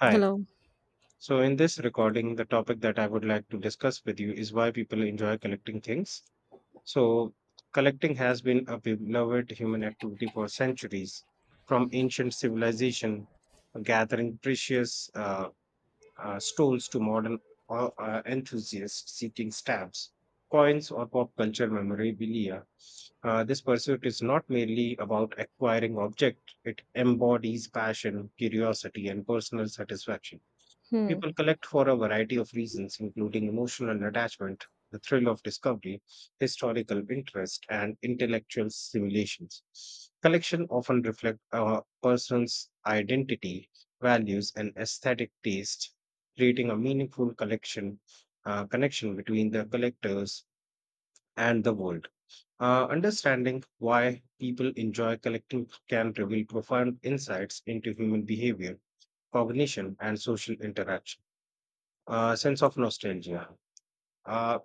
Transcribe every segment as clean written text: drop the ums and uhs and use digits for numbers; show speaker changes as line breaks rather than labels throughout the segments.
Hi.
Hello.
So, in this recording, the topic that I would like to discuss with you is why people enjoy collecting things. So, collecting has been a beloved human activity for centuries, from ancient civilization, gathering precious stones to modern enthusiasts seeking stamps, coins, or pop culture memorabilia. This pursuit is not merely about acquiring object; it embodies passion, curiosity, and personal satisfaction.
Hmm.
People collect for a variety of reasons, including emotional attachment, the thrill of discovery, historical interest, and intellectual stimulations. Collection often reflect a person's identity, values, and aesthetic taste, creating a meaningful collection connection between the collectors and the world. Understanding why people enjoy collecting can reveal profound insights into human behavior, cognition, and social interaction sense of nostalgia. Uh,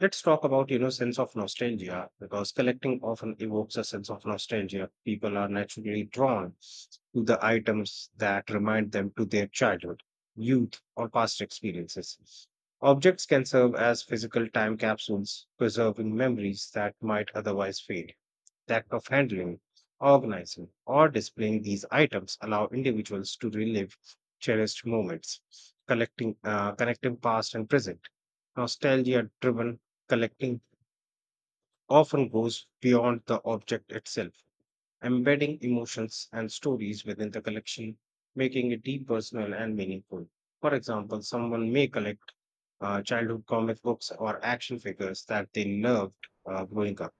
let's talk about you know sense of nostalgia because collecting often evokes a sense of nostalgia. People are naturally drawn to the items that remind them to their childhood, youth, or past experiences. Objects can serve as physical time capsules, preserving memories that might otherwise fade. The act of handling, organizing, or displaying these items allow individuals to relive cherished moments, collecting, connecting past and present. Nostalgia driven collecting often goes beyond the object itself, embedding emotions and stories within the collection, making it deep, personal, and meaningful. For example, someone may collect childhood comic books or action figures that they loved growing up.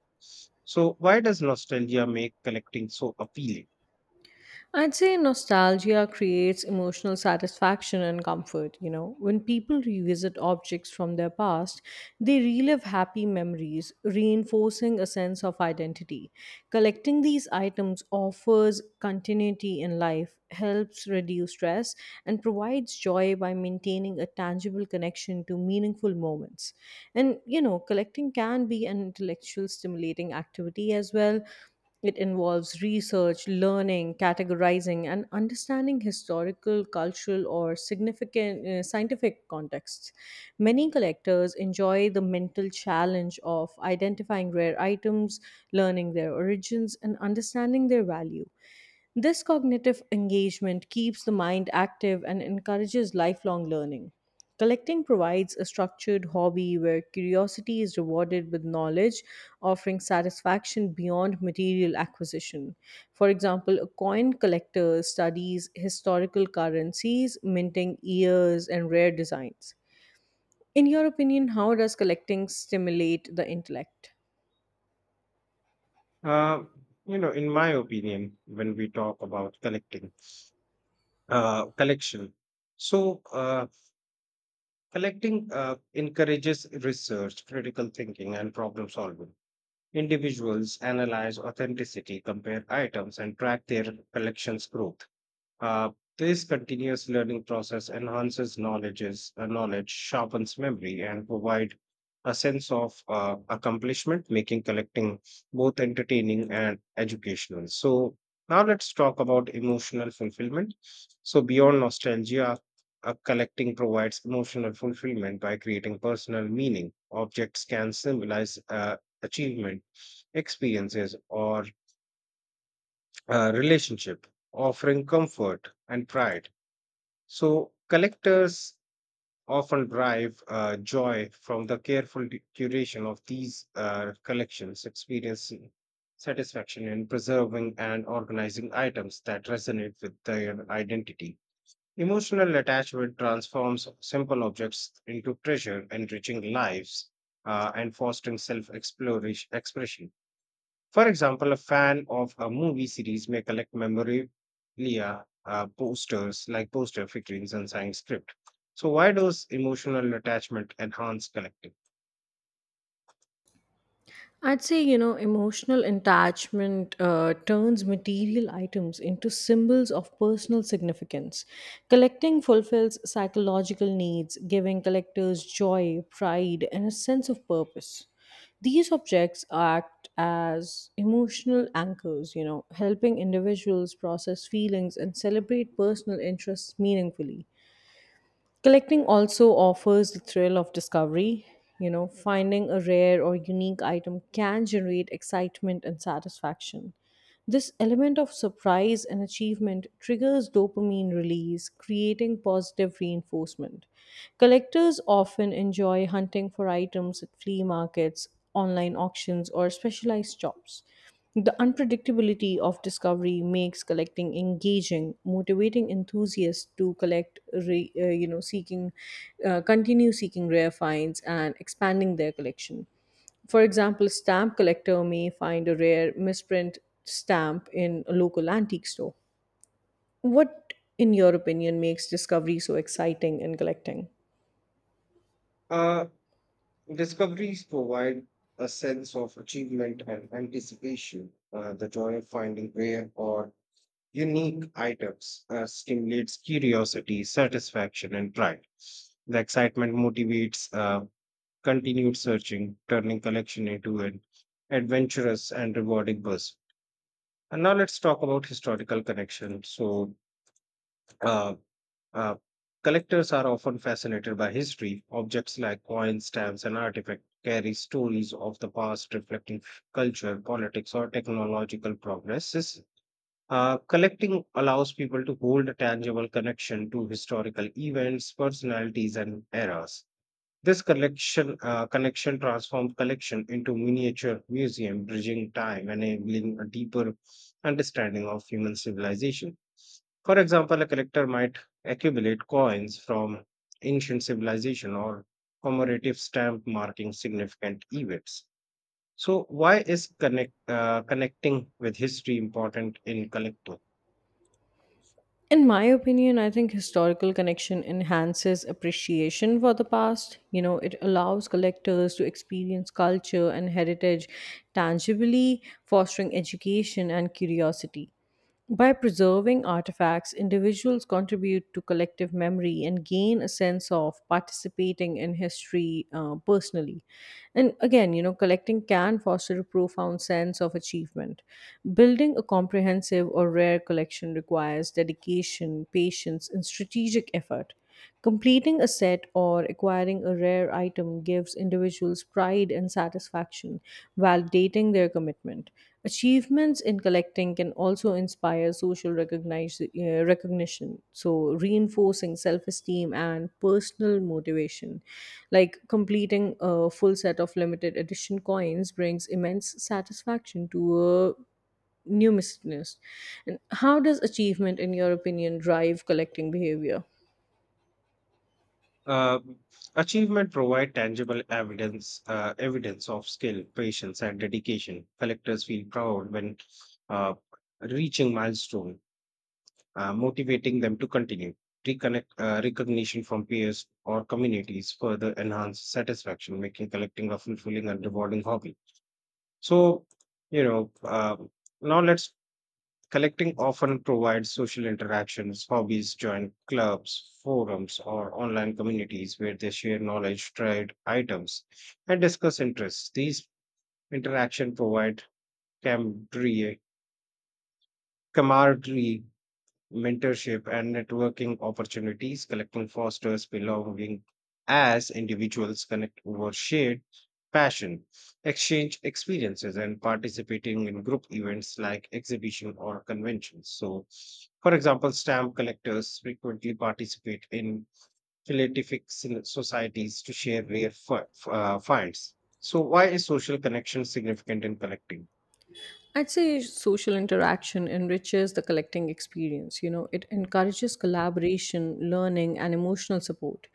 So, why does nostalgia make collecting so appealing?
I'd say nostalgia creates emotional satisfaction and comfort. You know, when people revisit objects from their past, they relive happy memories, reinforcing a sense of identity. Collecting these items offers continuity in life, helps reduce stress, and provides joy by maintaining a tangible connection to meaningful moments. And, you know, collecting can be an intellectual stimulating activity as well. It involves research, learning, categorizing, and understanding historical, cultural, or significant scientific contexts. Many collectors enjoy the mental challenge of identifying rare items, learning their origins, and understanding their value. This cognitive engagement keeps the mind active and encourages lifelong learning. Collecting provides a structured hobby where curiosity is rewarded with knowledge, offering satisfaction beyond material acquisition. For example, a coin collector studies historical currencies, minting ears and rare designs. In your opinion, how does collecting stimulate the intellect?
Uh, you know, in my opinion, when we talk about collecting, collection, so, collecting encourages research, critical thinking, and problem solving. Individuals analyze authenticity, compare items, and track their collection's growth. Uh, this continuous learning process enhances knowledge, sharpens memory, and provide a sense of accomplishment, making collecting both entertaining and educational. So now let's talk about emotional fulfillment. So beyond nostalgia, collecting provides emotional fulfillment by creating personal meaning. Objects can symbolize achievement, experiences, or relationship, offering comfort and pride so collectors often derive joy from the careful curation of these collections, experiencing satisfaction in preserving and organizing items that resonate with their identity. Emotional attachment transforms simple objects into treasure, enriching lives and fostering self-exploration expression. For example, a fan of a movie series may collect memorabilia, posters like poster figurines and signed script. So, why does emotional attachment enhance collecting?
I'd say, you know, emotional attachment turns material items into symbols of personal significance. Collecting fulfills psychological needs, giving collectors joy, pride, and a sense of purpose. These objects act as emotional anchors, you know, helping individuals process feelings and celebrate personal interests meaningfully. Collecting also offers the thrill of discovery. You know, finding a rare or unique item can generate excitement and satisfaction. This element of surprise and achievement triggers dopamine release, creating positive reinforcement. Collectors often enjoy hunting for items at flea markets, online auctions, or specialized shops. The unpredictability of discovery makes collecting engaging, motivating enthusiasts to collect, re, you know, seeking, continue seeking rare finds and expanding their collection. For example, a stamp collector may find a rare misprint stamp in a local antique store. What, in your opinion, makes discovery so exciting in collecting?
Uh, Discoveries provide a sense of achievement and anticipation. The joy of finding rare or unique items stimulates curiosity, satisfaction, and pride. The excitement motivates continued searching, turning collection into an adventurous and rewarding buzz. And now let's talk about historical connection. So, uh, uh, collectors are often fascinated by history. Objects like coins, stamps, and artifacts carry stories of the past reflecting culture, politics, or technological progresses. Collecting allows people to hold a tangible connection to historical events, personalities, and eras this collection connection transforms collection into miniature museum, bridging time and enabling a deeper understanding of human civilization. For example, a collector might accumulate coins from ancient civilization or commemorative stamp marking significant events. So, why is connecting with history important in collecting?
In my opinion, I think historical connection enhances appreciation for the past. You know, it allows collectors to experience culture and heritage tangibly, fostering education and curiosity. By preserving artifacts, individuals contribute to collective memory and gain a sense of participating in history personally. And again, you know, collecting can foster a profound sense of achievement. Building a comprehensive or rare collection requires dedication, patience, and strategic effort. Completing a set or acquiring a rare item gives individuals pride and satisfaction, validating their commitment. Achievements in collecting can also inspire social recognition, so reinforcing self esteem and personal motivation. Like completing a full set of limited edition coins brings immense satisfaction to a numismatist. And how does achievement, in your opinion, drive collecting behavior?
Uh, Achievement provide tangible evidence of skill, patience, and dedication. Collectors feel proud when uh, reaching milestone, motivating them to continue. Reconnect Recognition from peers or communities further enhance satisfaction, making collecting a fulfilling and rewarding hobby. So, you know, uh, now let's. Collecting often provides social interactions, hobbies, join clubs, forums, or online communities where they share knowledge, trade items, and discuss interests. These interactions provide camaraderie, camaraderie, mentorship, and networking opportunities. Collecting fosters belonging as individuals connect over shared passion, exchange experiences, and participating in group events like exhibition or conventions. So, for example, stamp collectors frequently participate in philatelic societies to share rare finds. So, why is social connection significant in collecting?
I'd say social interaction enriches the collecting experience. You know, it encourages collaboration, learning, and emotional support.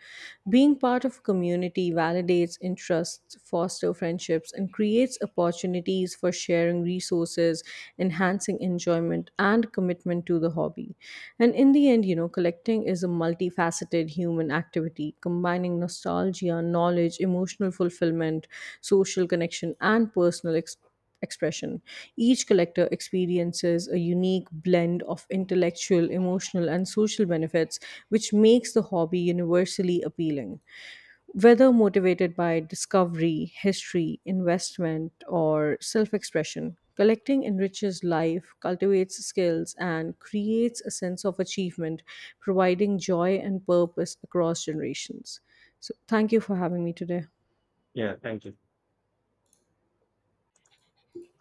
Being part of a community validates interests, fosters friendships, and creates opportunities for sharing resources, enhancing enjoyment, and commitment to the hobby. And in the end, you know, collecting is a multifaceted human activity combining nostalgia, knowledge, emotional fulfillment, social connection, and personal experience expression. Each collector experiences a unique blend of intellectual, emotional, and social benefits, which makes the hobby universally appealing. Whether motivated by discovery, history, investment, or self expression, collecting enriches life, cultivates skills, and creates a sense of achievement, providing joy and purpose across generations. So, thank you for having me today.
Yeah, thank you.